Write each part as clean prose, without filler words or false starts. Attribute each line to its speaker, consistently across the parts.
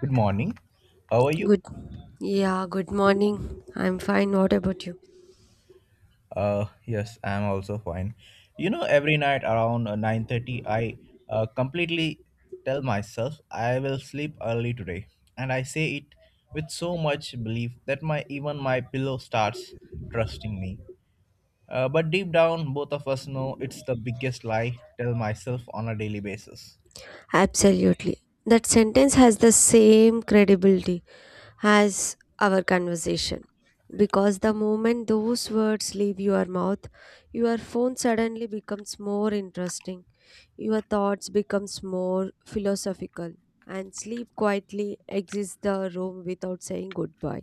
Speaker 1: Good morning. How are you?
Speaker 2: Good. Yeah, good morning. I'm fine. What about you?
Speaker 1: Yes, I'm also fine. You know, every night around 9:30, I completely tell myself I will sleep early today, and I say it with so much belief that my even my pillow starts trusting me. But deep down, both of us know it's the biggest lie tell myself on a daily basis.
Speaker 2: Absolutely. That sentence has the same credibility as our conversation. Because the moment those words leave your mouth, your phone suddenly becomes more interesting. Your thoughts becomes more philosophical and sleep quietly exits the room without saying goodbye.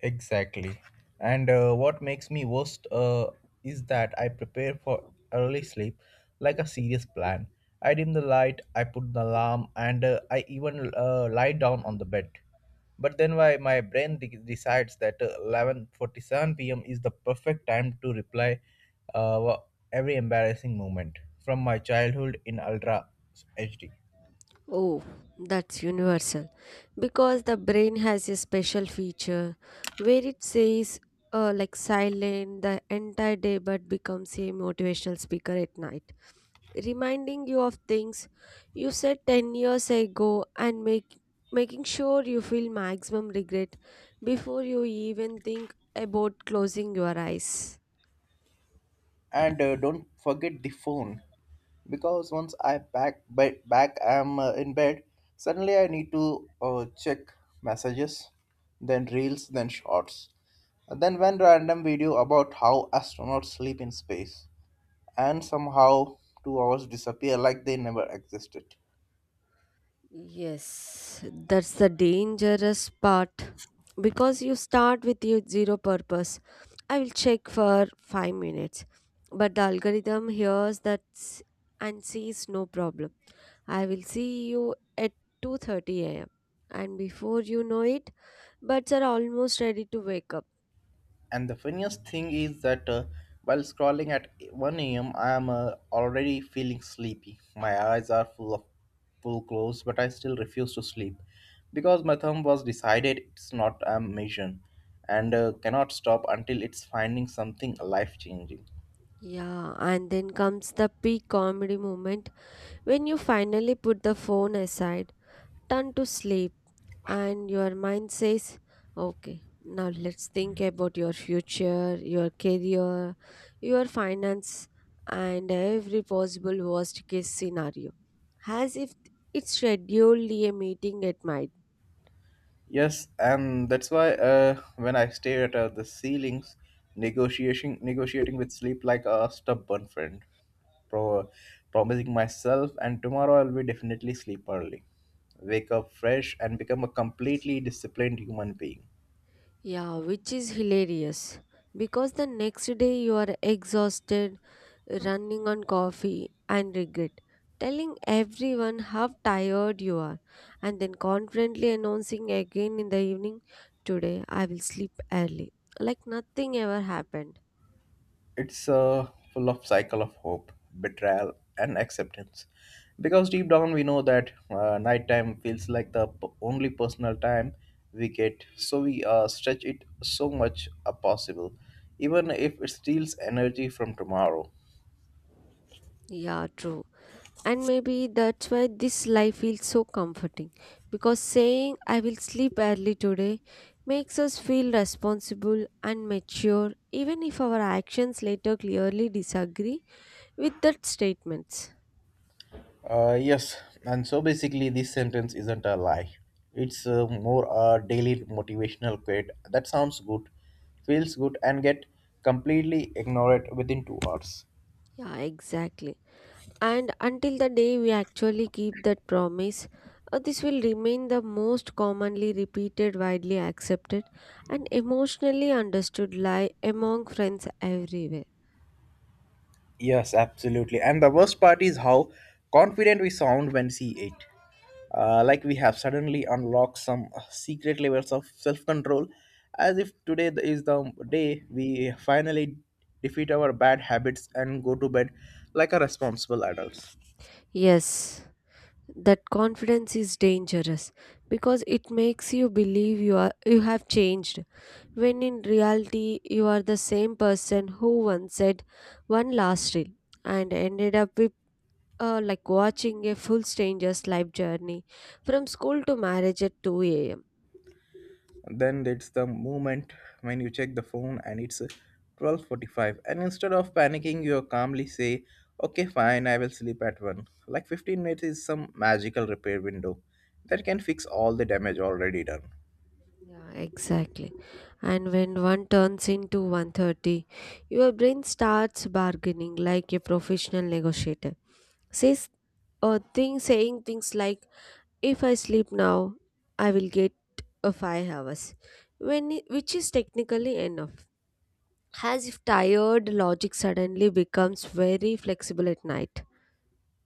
Speaker 1: Exactly. And what makes me worst is that I prepare for early sleep like a serious plan. I dim the light, I put the alarm, and I even lie down on the bed. But then why my brain decides that 11:47 p.m. is the perfect time to reply uh, every embarrassing moment from my childhood in ultra HD.
Speaker 2: Oh, that's universal. Because the brain has a special feature where it says, like silent the entire day but becomes a motivational speaker at night, reminding you of things you said 10 years ago and making sure you feel maximum regret before you even think about closing your eyes.
Speaker 1: And don't forget the phone because once I back I'm in bed. Suddenly I need to check messages, then reels, then shorts, and then one random video about how astronauts sleep in space, and somehow 2 hours disappear like they never existed.
Speaker 2: Yes, that's the dangerous part because you start with your zero purpose. I will check for 5 minutes, but the algorithm hears and sees no problem. I will see you at 2:30 a.m., and before you know it, buds are almost ready to wake up.
Speaker 1: And the funniest thing is that while scrolling at 1 a.m., I am already feeling sleepy. My eyes are full of full closed, but I still refuse to sleep because my thumb was decided it's not a mission and cannot stop until it's finding something life changing.
Speaker 2: Yeah, and then comes the peak comedy moment when you finally put the phone aside, turn to sleep, and your mind says, okay, now let's think about your future, your career, your finance, and every possible worst case scenario, as if it's scheduled a meeting at night.
Speaker 1: Yes, and that's why when I stare at the ceilings, negotiating with sleep like a stubborn friend, pro- promising myself and tomorrow I'll be definitely sleep early, wake up fresh, and become a completely disciplined human being.
Speaker 2: Yeah, which is hilarious because the next day you are exhausted, running on coffee and regret, telling everyone how tired you are, and then confidently announcing again in the evening, today I will sleep early, like nothing ever happened.
Speaker 1: It's full of cycle of hope, betrayal, and acceptance. Because deep down we know that nighttime feels like the only personal time we get, so we stretch it so much as possible, even if it steals energy from tomorrow.
Speaker 2: Yeah, true. And maybe that's why this life feels so comforting, because saying I will sleep early today makes us feel responsible and mature, even if our actions later clearly disagree with that statements.
Speaker 1: Yes, and so basically, this sentence isn't a lie. It's more a daily motivational quote that sounds good, feels good, and get completely ignored within 2 hours.
Speaker 2: Yeah, exactly. And until the day we actually keep that promise, this will remain the most commonly repeated, widely accepted, and emotionally understood lie among friends everywhere.
Speaker 1: Yes, absolutely. And the worst part is how confident we sound when see it. Like we have suddenly unlocked some secret levels of self-control, as if today is the day we finally defeat our bad habits and go to bed like a responsible adults.
Speaker 2: Yes, that confidence is dangerous because it makes you believe you have changed, when in reality you are the same person who once said one last rule and ended up like watching a full stranger's life journey from school to marriage at 2 a.m.
Speaker 1: Then it's the moment when you check the phone and it's 12:45, and instead of panicking you calmly say, okay, fine, I will sleep at 1, like 15 minutes is some magical repair window that can fix all the damage already done.
Speaker 2: Yeah, exactly. And when one turns into 1:30, your brain starts bargaining like a professional negotiator. Says or thing Saying things like, if I sleep now, I will get a 5 hours. Which is technically enough. As if tired logic suddenly becomes very flexible at night.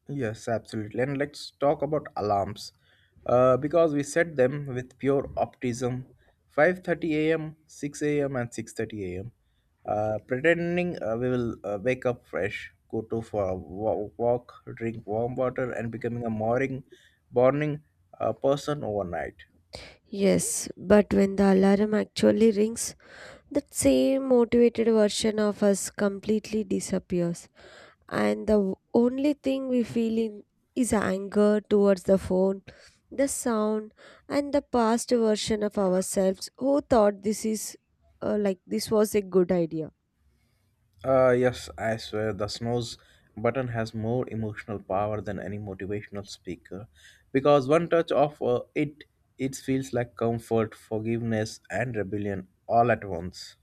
Speaker 1: Yes, absolutely. And let's talk about alarms, because we set them with pure optimism, 5:30 a.m., 6 a.m., and 6:30 a.m. Pretending we will wake up fresh, go to for a walk, drink warm water, and becoming a morning, person overnight.
Speaker 2: Yes, but when the alarm actually rings, that same motivated version of us completely disappears. And the only thing we feel in is anger towards the phone, the sound, and the past version of ourselves who thought this is like this was a good idea.
Speaker 1: Yes, I swear the snooze button has more emotional power than any motivational speaker because one touch of it feels like comfort, forgiveness, and rebellion all at once.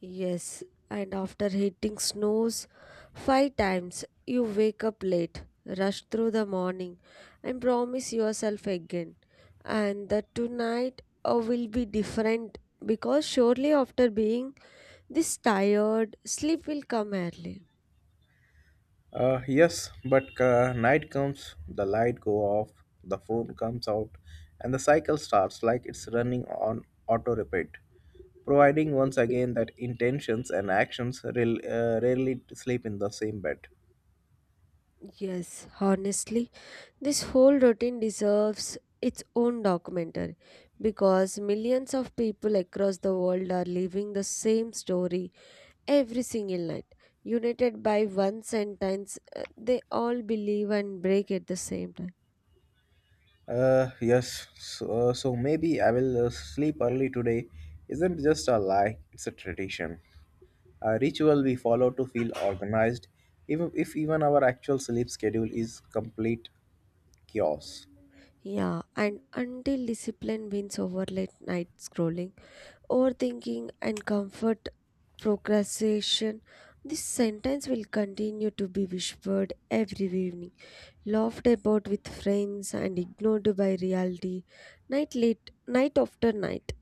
Speaker 2: Yes, and after hitting snooze 5 times, you wake up late, rush through the morning, and promise yourself again. And that tonight will be different, because surely after being this tired, sleep will come early.
Speaker 1: Yes, but night comes, the light go off, the phone comes out, and the cycle starts like it's running on auto repeat, providing once again that intentions and actions rarely sleep in the same bed.
Speaker 2: Yes, honestly, this whole routine deserves its own documentary because millions of people across the world are living the same story every single night, united by one sentence they all believe and break at the same time.
Speaker 1: Yes. So, so maybe I will sleep early today. Isn't just a lie; it's a tradition, a ritual we follow to feel organized, even if even our actual sleep schedule is complete chaos.
Speaker 2: Yeah, and until discipline wins over late night scrolling, overthinking, and comfort procrastination, this sentence will continue to be whispered every evening, laughed about with friends, and ignored by reality, night late night after night.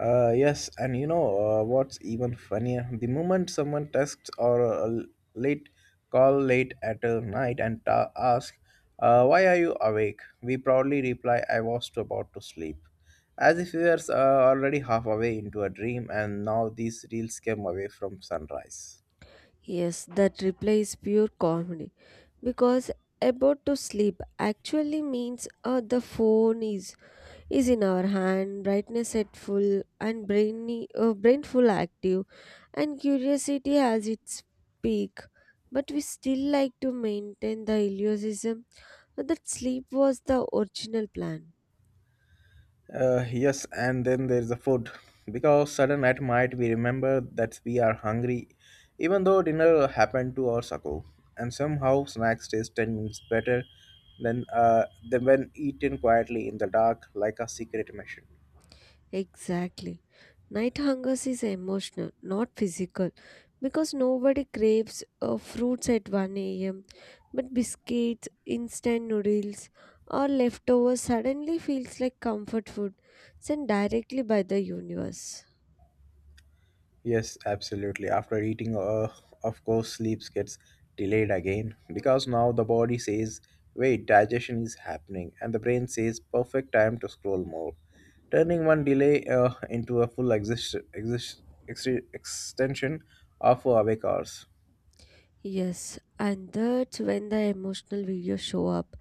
Speaker 1: Yes, and you know what's even funnier? The moment someone texts or late call late at night and ask, "Why are you awake?" We proudly reply, "I was about to sleep," as if we were already halfway into a dream, and now these reels came away from sunrise.
Speaker 2: Yes, that reply is pure comedy because about to sleep actually means the phone is in our hand, brightness at full, and brain full active, and curiosity has its peak. But we still like to maintain the illusion that sleep was the original plan.
Speaker 1: Yes, and then there's the food. Because sudden at night we remember that we are hungry, even though dinner happened 2 hours ago. And somehow snacks taste 10 minutes better than when eaten quietly in the dark, like a secret mission.
Speaker 2: Exactly. Night hunger is emotional, not physical, because nobody craves fruits at 1 a.m., but biscuits, instant noodles, or leftovers suddenly feels like comfort food sent directly by the universe.
Speaker 1: Yes, absolutely. After eating, of course, sleep gets delayed again because now the body says, wait, digestion is happening, and the brain says, perfect time to scroll more, turning one delay into a full ex- extension of awake hours.
Speaker 2: Yes, and that's when the emotional videos show up,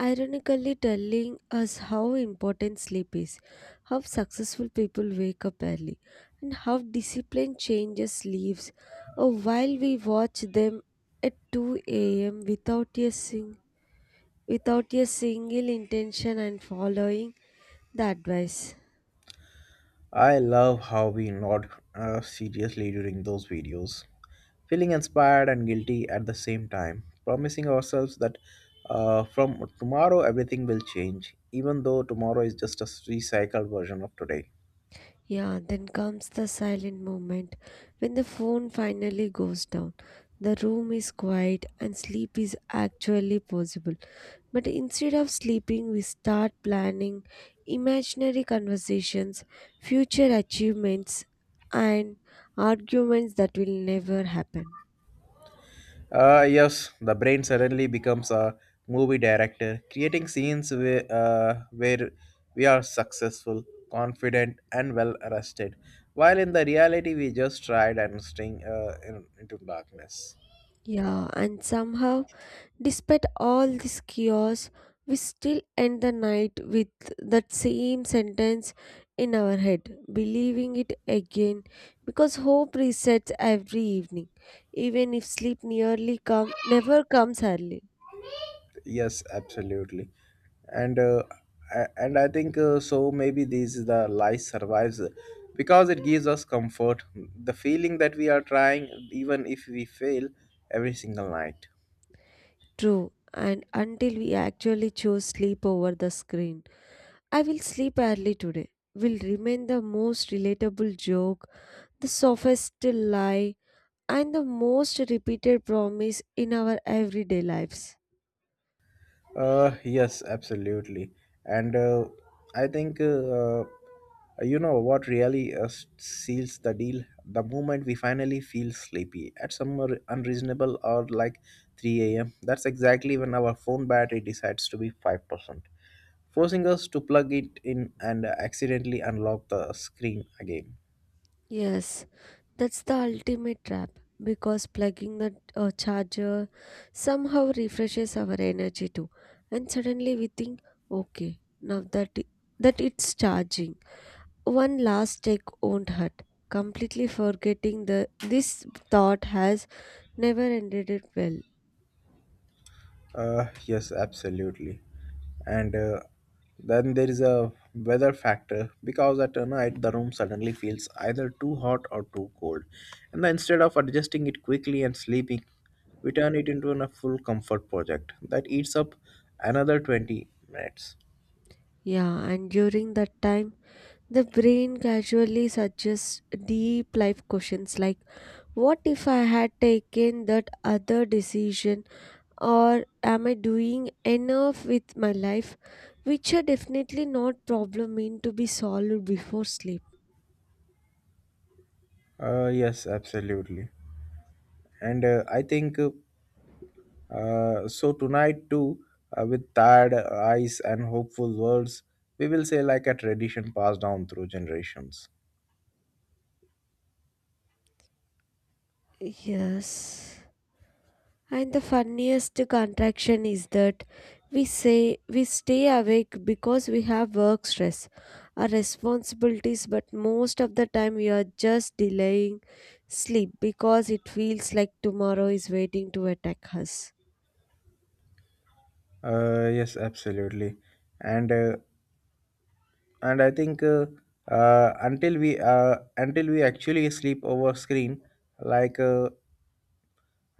Speaker 2: ironically telling us how important sleep is, how successful people wake up early, and how discipline changes lives. Oh, while we watch them at 2 a.m. without without a single intention and following the advice.
Speaker 1: I love how we nod seriously during those videos, feeling inspired and guilty at the same time, promising ourselves that from tomorrow everything will change, even though tomorrow is just a recycled version of today.
Speaker 2: Yeah, then comes the silent moment when the phone finally goes down. The room is quiet and sleep is actually possible. But instead of sleeping, we start planning imaginary conversations, future achievements, and arguments that will never happen.
Speaker 1: Yes, the brain suddenly becomes a movie director, creating scenes where we are successful, confident, and well rested, while in the reality we just tried and staying into darkness.
Speaker 2: Yeah, and somehow, despite all this chaos, we still end the night with that same sentence in our head, believing it again because hope resets every evening, even if sleep nearly come never comes early.
Speaker 1: Yes, absolutely. And and I think so maybe this is the lie survives because it gives us comfort, the feeling that we are trying even if we fail every single night.
Speaker 2: True, and until we actually choose sleep over the screen, I will sleep early today will remain the most relatable joke, the softest lie, and the most repeated promise in our everyday lives.
Speaker 1: Yes, absolutely. And I think, you know, what really seals the deal the moment we finally feel sleepy at some unreasonable or like 3 a.m. That's exactly when our phone battery decides to be 5%, forcing us to plug it in and accidentally unlock the screen again.
Speaker 2: Yes, that's the ultimate trap because plugging the charger somehow refreshes our energy too. And suddenly we think, okay, now that it's charging, one last check won't hurt, completely forgetting the this thought has never ended it well.
Speaker 1: Yes, absolutely. And then there is a weather factor because at night the room suddenly feels either too hot or too cold. And then instead of adjusting it quickly and sleeping, we turn it into a full comfort project that eats up another 20 minutes.
Speaker 2: Yeah, and during that time, the brain casually suggests deep life questions like, what if I had taken that other decision? Or am I doing enough with my life? Which are definitely not problem meant to be solved before sleep.
Speaker 1: Yes, absolutely. And I think so tonight too, with tired eyes and hopeful words, we will say like a tradition passed down through generations.
Speaker 2: Yes. And the funniest contraction is that we say we stay awake because we have work stress or responsibilities, but most of the time we are just delaying sleep because it feels like tomorrow is waiting to attack us.
Speaker 1: Yes, absolutely, and uh, and I think until we actually sleep over screen, like uh,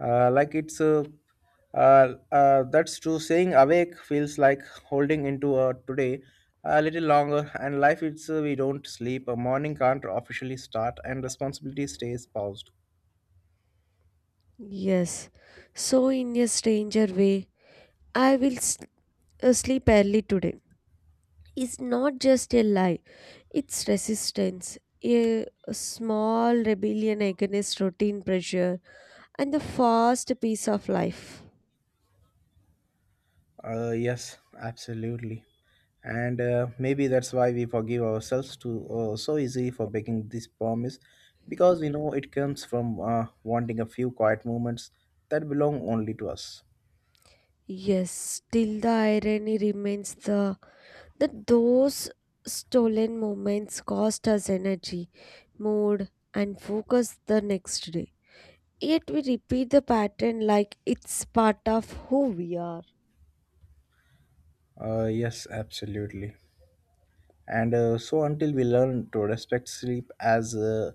Speaker 1: like it's that's true. Saying awake feels like holding into a today a little longer, and life it's we don't sleep. A morning can't officially start, and responsibility stays paused.
Speaker 2: Yes, so in a stranger way, I will sleep early today. It's not just a lie, it's resistance, a small rebellion against routine pressure and the fast pace of life.
Speaker 1: Yes, absolutely. And maybe that's why we forgive ourselves to so easily for breaking this promise, because we know it comes from wanting a few quiet moments that belong only to us.
Speaker 2: Yes, still the irony remains the that those stolen moments cost us energy, mood, and focus the next day. Yet we repeat the pattern like it's part of who we are.
Speaker 1: Yes, absolutely. And so until we learn to respect sleep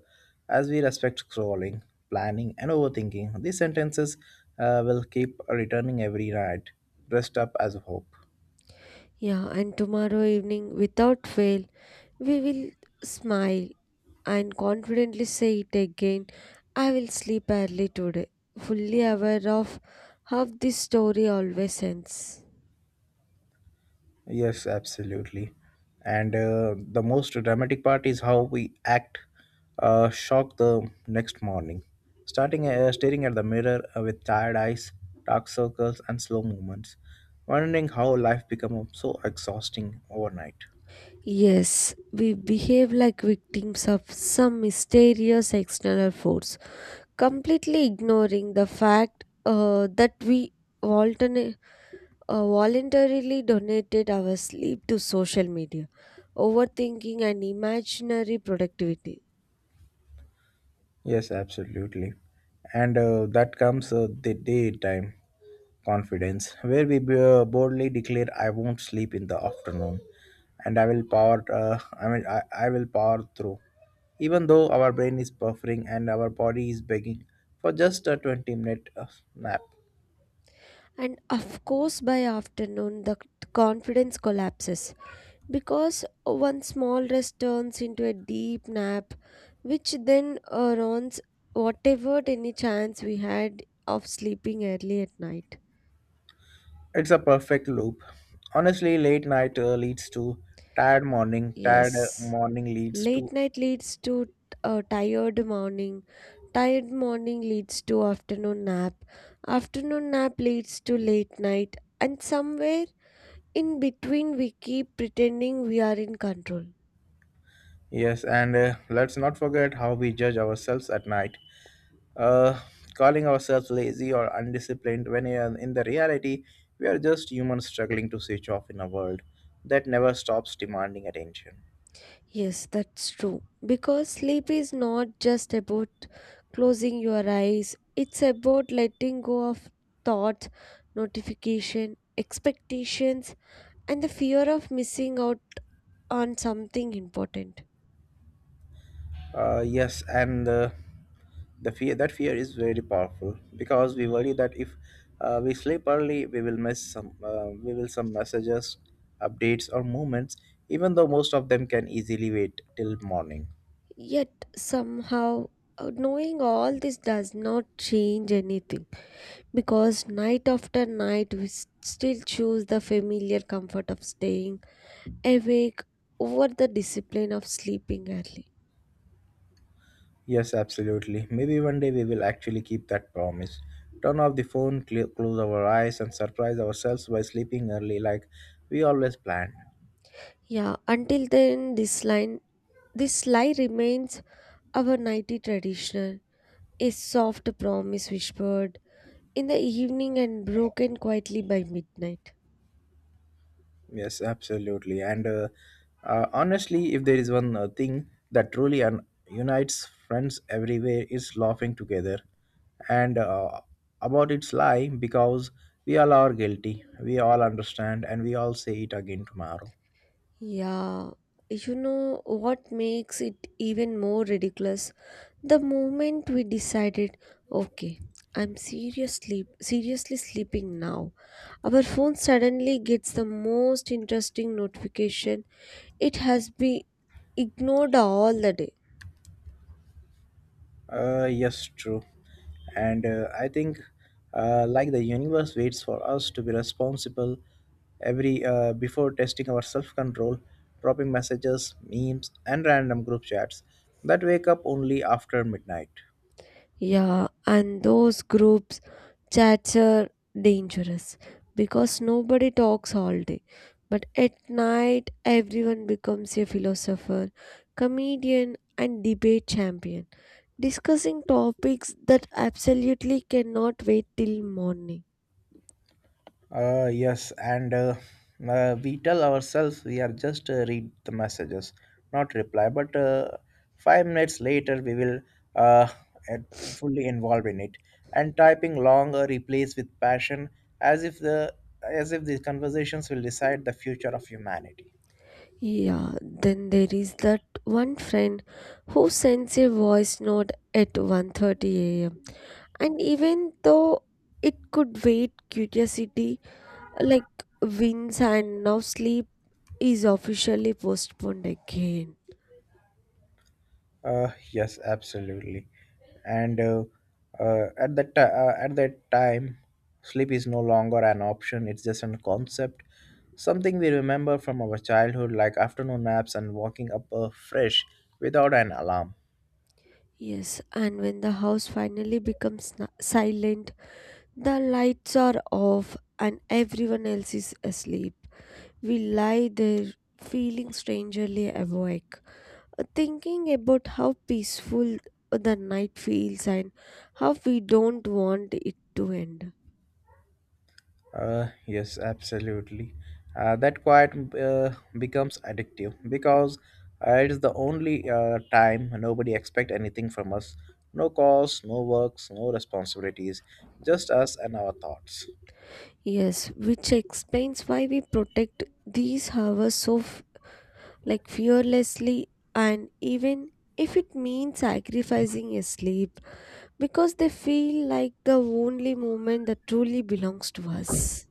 Speaker 1: as we respect scrolling, planning, and overthinking, these sentences will keep returning every night. Dressed up as hope.
Speaker 2: Yeah, and tomorrow evening, without fail, we will smile and confidently say it again. I will sleep early today, fully aware of how this story always ends.
Speaker 1: Yes, absolutely. And the most dramatic part is how we act shocked the next morning. Starting staring at the mirror with tired eyes, dark circles, and slow movements, wondering how life became so exhausting overnight.
Speaker 2: Yes, we behave like victims of some mysterious external force, completely ignoring the fact that we alternate voluntarily donated our sleep to social media, overthinking, and imaginary productivity.
Speaker 1: Yes, absolutely. And that comes the daytime confidence, where we boldly declare, "I won't sleep in the afternoon, and I will power through." Even though our brain is buffering and our body is begging for just a 20 minute nap,
Speaker 2: And of course, by afternoon, the confidence collapses because one small rest turns into a deep nap, which then ruins whatever any chance we had of sleeping early at night.
Speaker 1: it's a perfect loop. Honestly, late night leads to tired morning. Tired
Speaker 2: Yes.
Speaker 1: morning leads
Speaker 2: Late
Speaker 1: to.
Speaker 2: night leads to a tired morning. Tired morning leads to afternoon nap. Afternoon nap leads to late night. And somewhere in between, we keep pretending we are in control.
Speaker 1: Yes, and let's not forget how we judge ourselves at night. uh, Calling ourselves lazy or undisciplined when in the reality we are just humans struggling to switch off in a world that never stops demanding attention.
Speaker 2: Yes, that's true. Because sleep is not just about closing your eyes, it's about letting go of thoughts, notification, expectations, and the fear of missing out on something important.
Speaker 1: Yes, and the fear is very powerful because we worry that if we sleep early, we will some messages, updates, or movements, even though most of them can easily wait till morning.
Speaker 2: Yet somehow, knowing all this does not change anything, because night after night we still choose the familiar comfort of staying awake over the discipline of sleeping early.
Speaker 1: Yes, absolutely. Maybe one day we will actually keep that promise. Turn off the phone, close our eyes, and surprise ourselves by sleeping early like we always planned.
Speaker 2: Yeah, until then, this lie remains our nighty tradition, a soft promise whispered in the evening and broken quietly by midnight.
Speaker 1: Yes, absolutely. And honestly, if there is one thing that truly unites friends everywhere, is laughing together. And about its lie, because we all are guilty, we all understand, and we all say it again tomorrow.
Speaker 2: Yeah, you know what makes it even more ridiculous? The moment we decided, okay, I'm seriously sleeping now, our phone suddenly gets the most interesting notification. It has been ignored all the day.
Speaker 1: Yes, true. And I think, like the universe waits for us to be responsible every before testing our self-control, dropping messages, memes, and random group chats that wake up only after midnight.
Speaker 2: Yeah, and those groups chats are dangerous because nobody talks all day. But at night, everyone becomes a philosopher, comedian, and debate champion, discussing topics that absolutely cannot wait till morning.
Speaker 1: Yes, and we tell ourselves we are just read the messages, not reply. But 5 minutes later, we will uh, at- fully involved in it and typing long replies with passion, as if the as if these conversations will decide the future of humanity.
Speaker 2: Yeah, then there is that one friend who sends a voice note at 1:30 a.m. And even though it could wait, curiosity like wins, and now sleep is officially postponed again.
Speaker 1: Yes, absolutely. And at that time, sleep is no longer an option. It's just a concept, something we remember from our childhood, like afternoon naps and walking up fresh without an alarm.
Speaker 2: Yes, and when the house finally becomes silent, the lights are off, and everyone else is asleep. We lie there feeling strangely awake, thinking about how peaceful the night feels and how we don't want it to end.
Speaker 1: Yes, absolutely. That quiet becomes addictive because it is the only time nobody expect anything from us. No calls, no works, no responsibilities, just us and our thoughts.
Speaker 2: Yes, which explains why we protect these hours so like fearlessly, and even if it means sacrificing a sleep, because they feel like the only moment that truly belongs to us.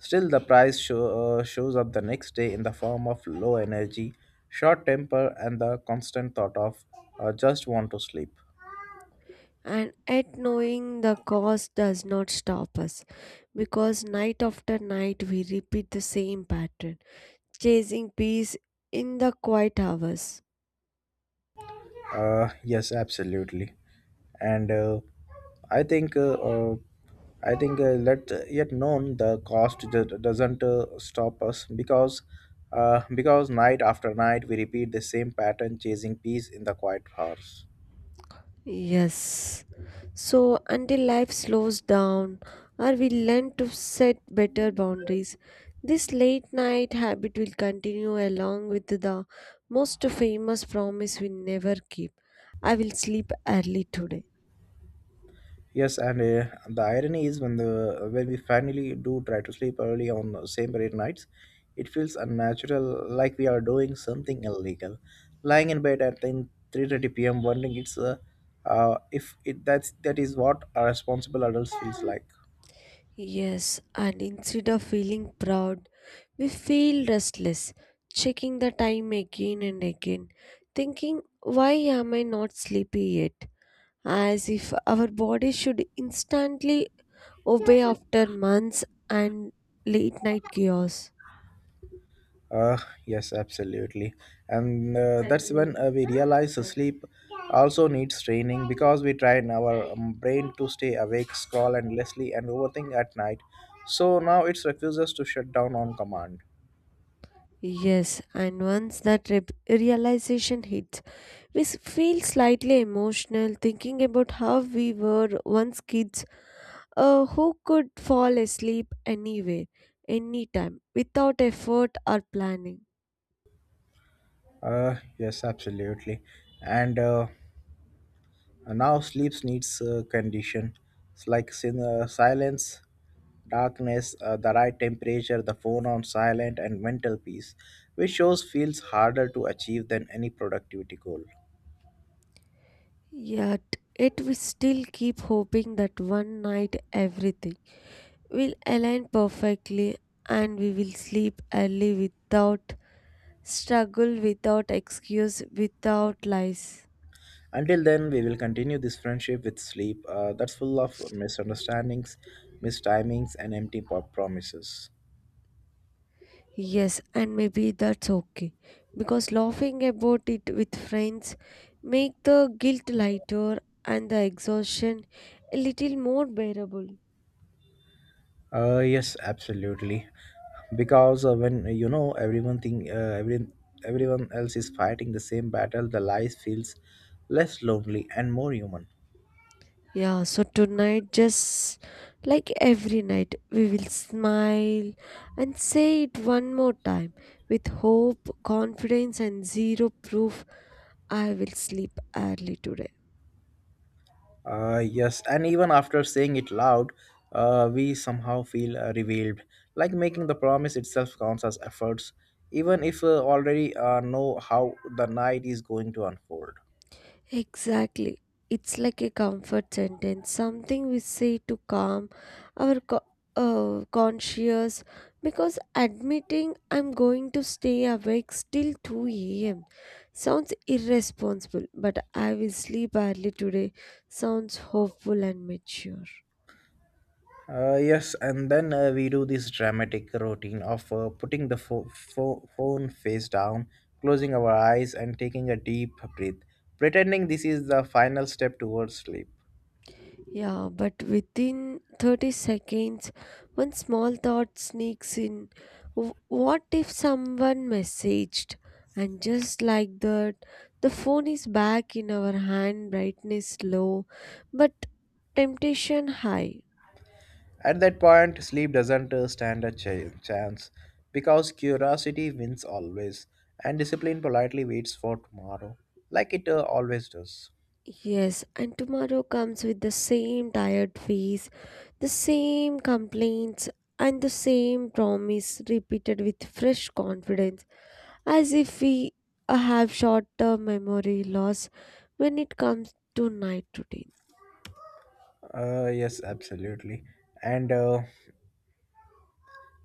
Speaker 1: Still, the price shows up the next day in the form of low energy, short temper, and the constant thought of just want to sleep.
Speaker 2: And at knowing the cause does not stop us, because night after night we repeat the same pattern, chasing peace in the quiet hours.
Speaker 1: Yes, absolutely, and I think uh, uh, I think let yet known the cost doesn't stop us because night after night we repeat the same pattern, chasing peace in the quiet hours.
Speaker 2: Yes. So until life slows down or we learn to set better boundaries, this late night habit will continue, along with the most famous promise we never keep. I will sleep early today.
Speaker 1: Yes, and the irony is when we finally do try to sleep early on the same period nights, it feels unnatural, like we are doing something illegal. Lying in bed at 10, 3:30 p.m. wondering it's if it that's that is what a responsible adult feels like.
Speaker 2: Yes, and instead of feeling proud, we feel restless, checking the time again and again, thinking, why am I not sleepy yet? As if our body should instantly obey after months and late night chaos.
Speaker 1: Uh, yes, absolutely. And That's when we realize sleep also needs training because we train our brain to stay awake, scroll endlessly, and overthink at night. So now it refuses to shut down on command.
Speaker 2: Yes, and once that realization hits, we feel slightly emotional thinking about how we were once kids who could fall asleep anywhere, anytime, without effort or planning.
Speaker 1: Yes, absolutely. And uh, And now sleep needs condition. It's like silence, darkness, the right temperature, the phone on silent, and mental peace, which shows feels harder to achieve than any productivity goal.
Speaker 2: Yet, it we still keep hoping that one night everything will align perfectly and we will sleep early without struggle, without excuse, without lies.
Speaker 1: Until then, we will continue this friendship with sleep that's full of misunderstandings, mistimings, and empty promises.
Speaker 2: Yes, and maybe that's okay, because laughing about it with friends make the guilt lighter and the exhaustion a little more bearable.
Speaker 1: Yes, absolutely. Because when you know everyone else is fighting the same battle, the life feels less lonely and more human.
Speaker 2: Yeah, so tonight, just like every night, we will smile and say it one more time with hope, confidence, and zero proof. I will sleep early today.
Speaker 1: Yes, and even after saying it loud, we somehow feel revealed. Like making the promise itself counts as efforts, even if already know how the night is going to unfold.
Speaker 2: Exactly. It's like a comfort sentence, something we say to calm our conscious, because admitting I'm going to stay awake still 2 a.m. sounds irresponsible, but I will sleep early today sounds hopeful and mature.
Speaker 1: Yes, and then we do this dramatic routine of putting the phone face down, closing our eyes, and taking a deep breath, pretending this is the final step towards sleep.
Speaker 2: Yeah, but within 30 seconds, one small thought sneaks in. "Wh- What if someone messaged?" And just like that, the phone is back in our hand, brightness low, but temptation high.
Speaker 1: At that point, sleep doesn't stand a chance because curiosity wins always, and discipline politely waits for tomorrow, like it always does.
Speaker 2: Yes, and tomorrow comes with the same tired face, the same complaints, and the same promise repeated with fresh confidence, as if we have short term memory loss when it comes to night routine.
Speaker 1: Yes, absolutely. And uh,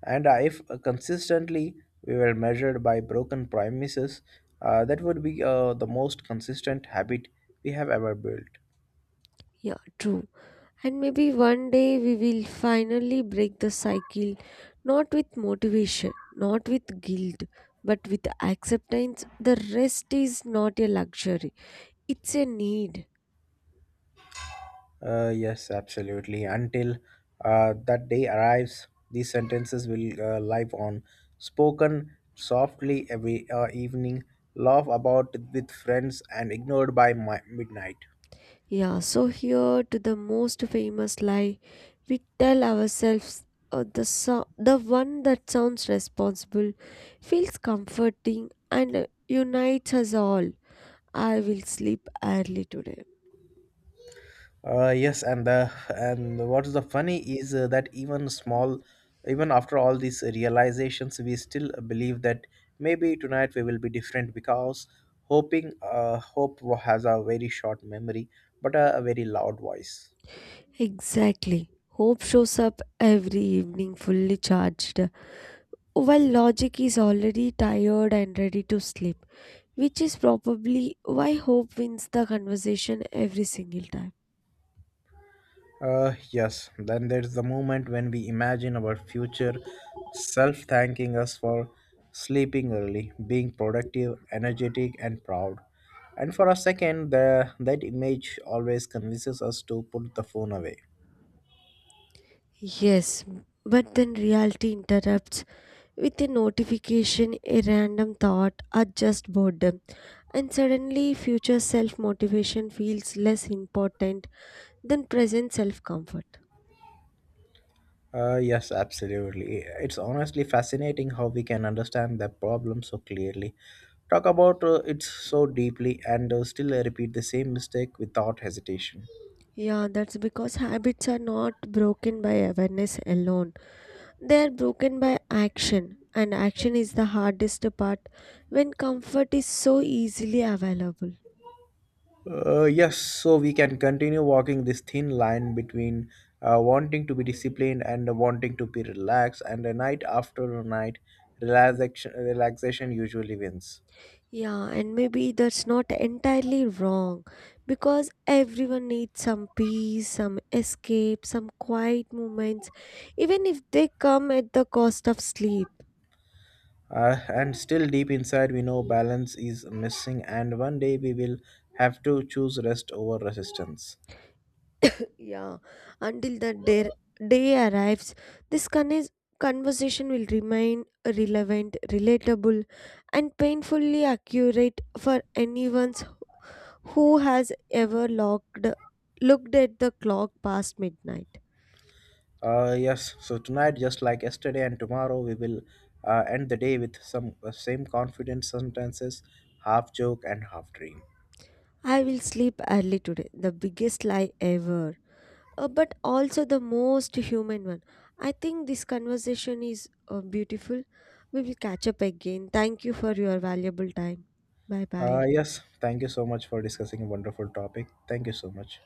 Speaker 1: And if consistently we were measured by broken promises, that would be the most consistent habit we have ever built.
Speaker 2: Yeah, true. And maybe one day we will finally break the cycle, not with motivation, not with guilt, but with acceptance. The rest is not a luxury, it's a need.
Speaker 1: Yes, absolutely. Until that day arrives, these sentences will live on, spoken softly every evening, laughed about with friends, and ignored by midnight.
Speaker 2: Yeah, so here to the most famous lie we tell ourselves, the one that sounds responsible, feels comforting, and unites us all. I will sleep early today.
Speaker 1: Yes, and what's the funny is that even small, even after all these realizations, we still believe that maybe tonight we will be different because hope has a very short memory but a very loud voice.
Speaker 2: Exactly. Hope shows up every evening fully charged, while logic is already tired and ready to sleep, which is probably why hope wins the conversation every single time.
Speaker 1: Yes, then there's the moment when we imagine our future self thanking us for sleeping early, being productive, energetic, and proud. And for a second, that image always convinces us to put the phone away.
Speaker 2: Yes, but then reality interrupts with a notification, a random thought, or just boredom. And suddenly, future self motivation feels less important than present self comfort.
Speaker 1: Yes, absolutely. It's honestly fascinating how we can understand that problem so clearly, talk about it so deeply, and still repeat the same mistake without hesitation.
Speaker 2: Yeah, that's because habits are not broken by awareness alone. They are broken by action, and action is the hardest part when comfort is so easily available.
Speaker 1: Yes, so we can continue walking this thin line between wanting to be disciplined and wanting to be relaxed, and a night after a night, relaxation usually wins.
Speaker 2: Yeah, and maybe that's not entirely wrong because everyone needs some peace, some escape, some quiet moments, even if they come at the cost of sleep.
Speaker 1: And still deep inside, we know balance is missing, and one day we will have to choose rest over resistance.
Speaker 2: Yeah, until day arrives, this conversation will remain relevant, relatable, and painfully accurate for anyone who has ever looked at the clock past midnight.
Speaker 1: Yes, so tonight, just like yesterday and tomorrow, we will end the day with some same confident sentences, half joke and half dream.
Speaker 2: I will sleep early today. The biggest lie ever. But also the most human one. I think this conversation is beautiful. We will catch up again. Thank you for your valuable time. Bye bye.
Speaker 1: Yes, thank you so much for discussing a wonderful topic. Thank you so much.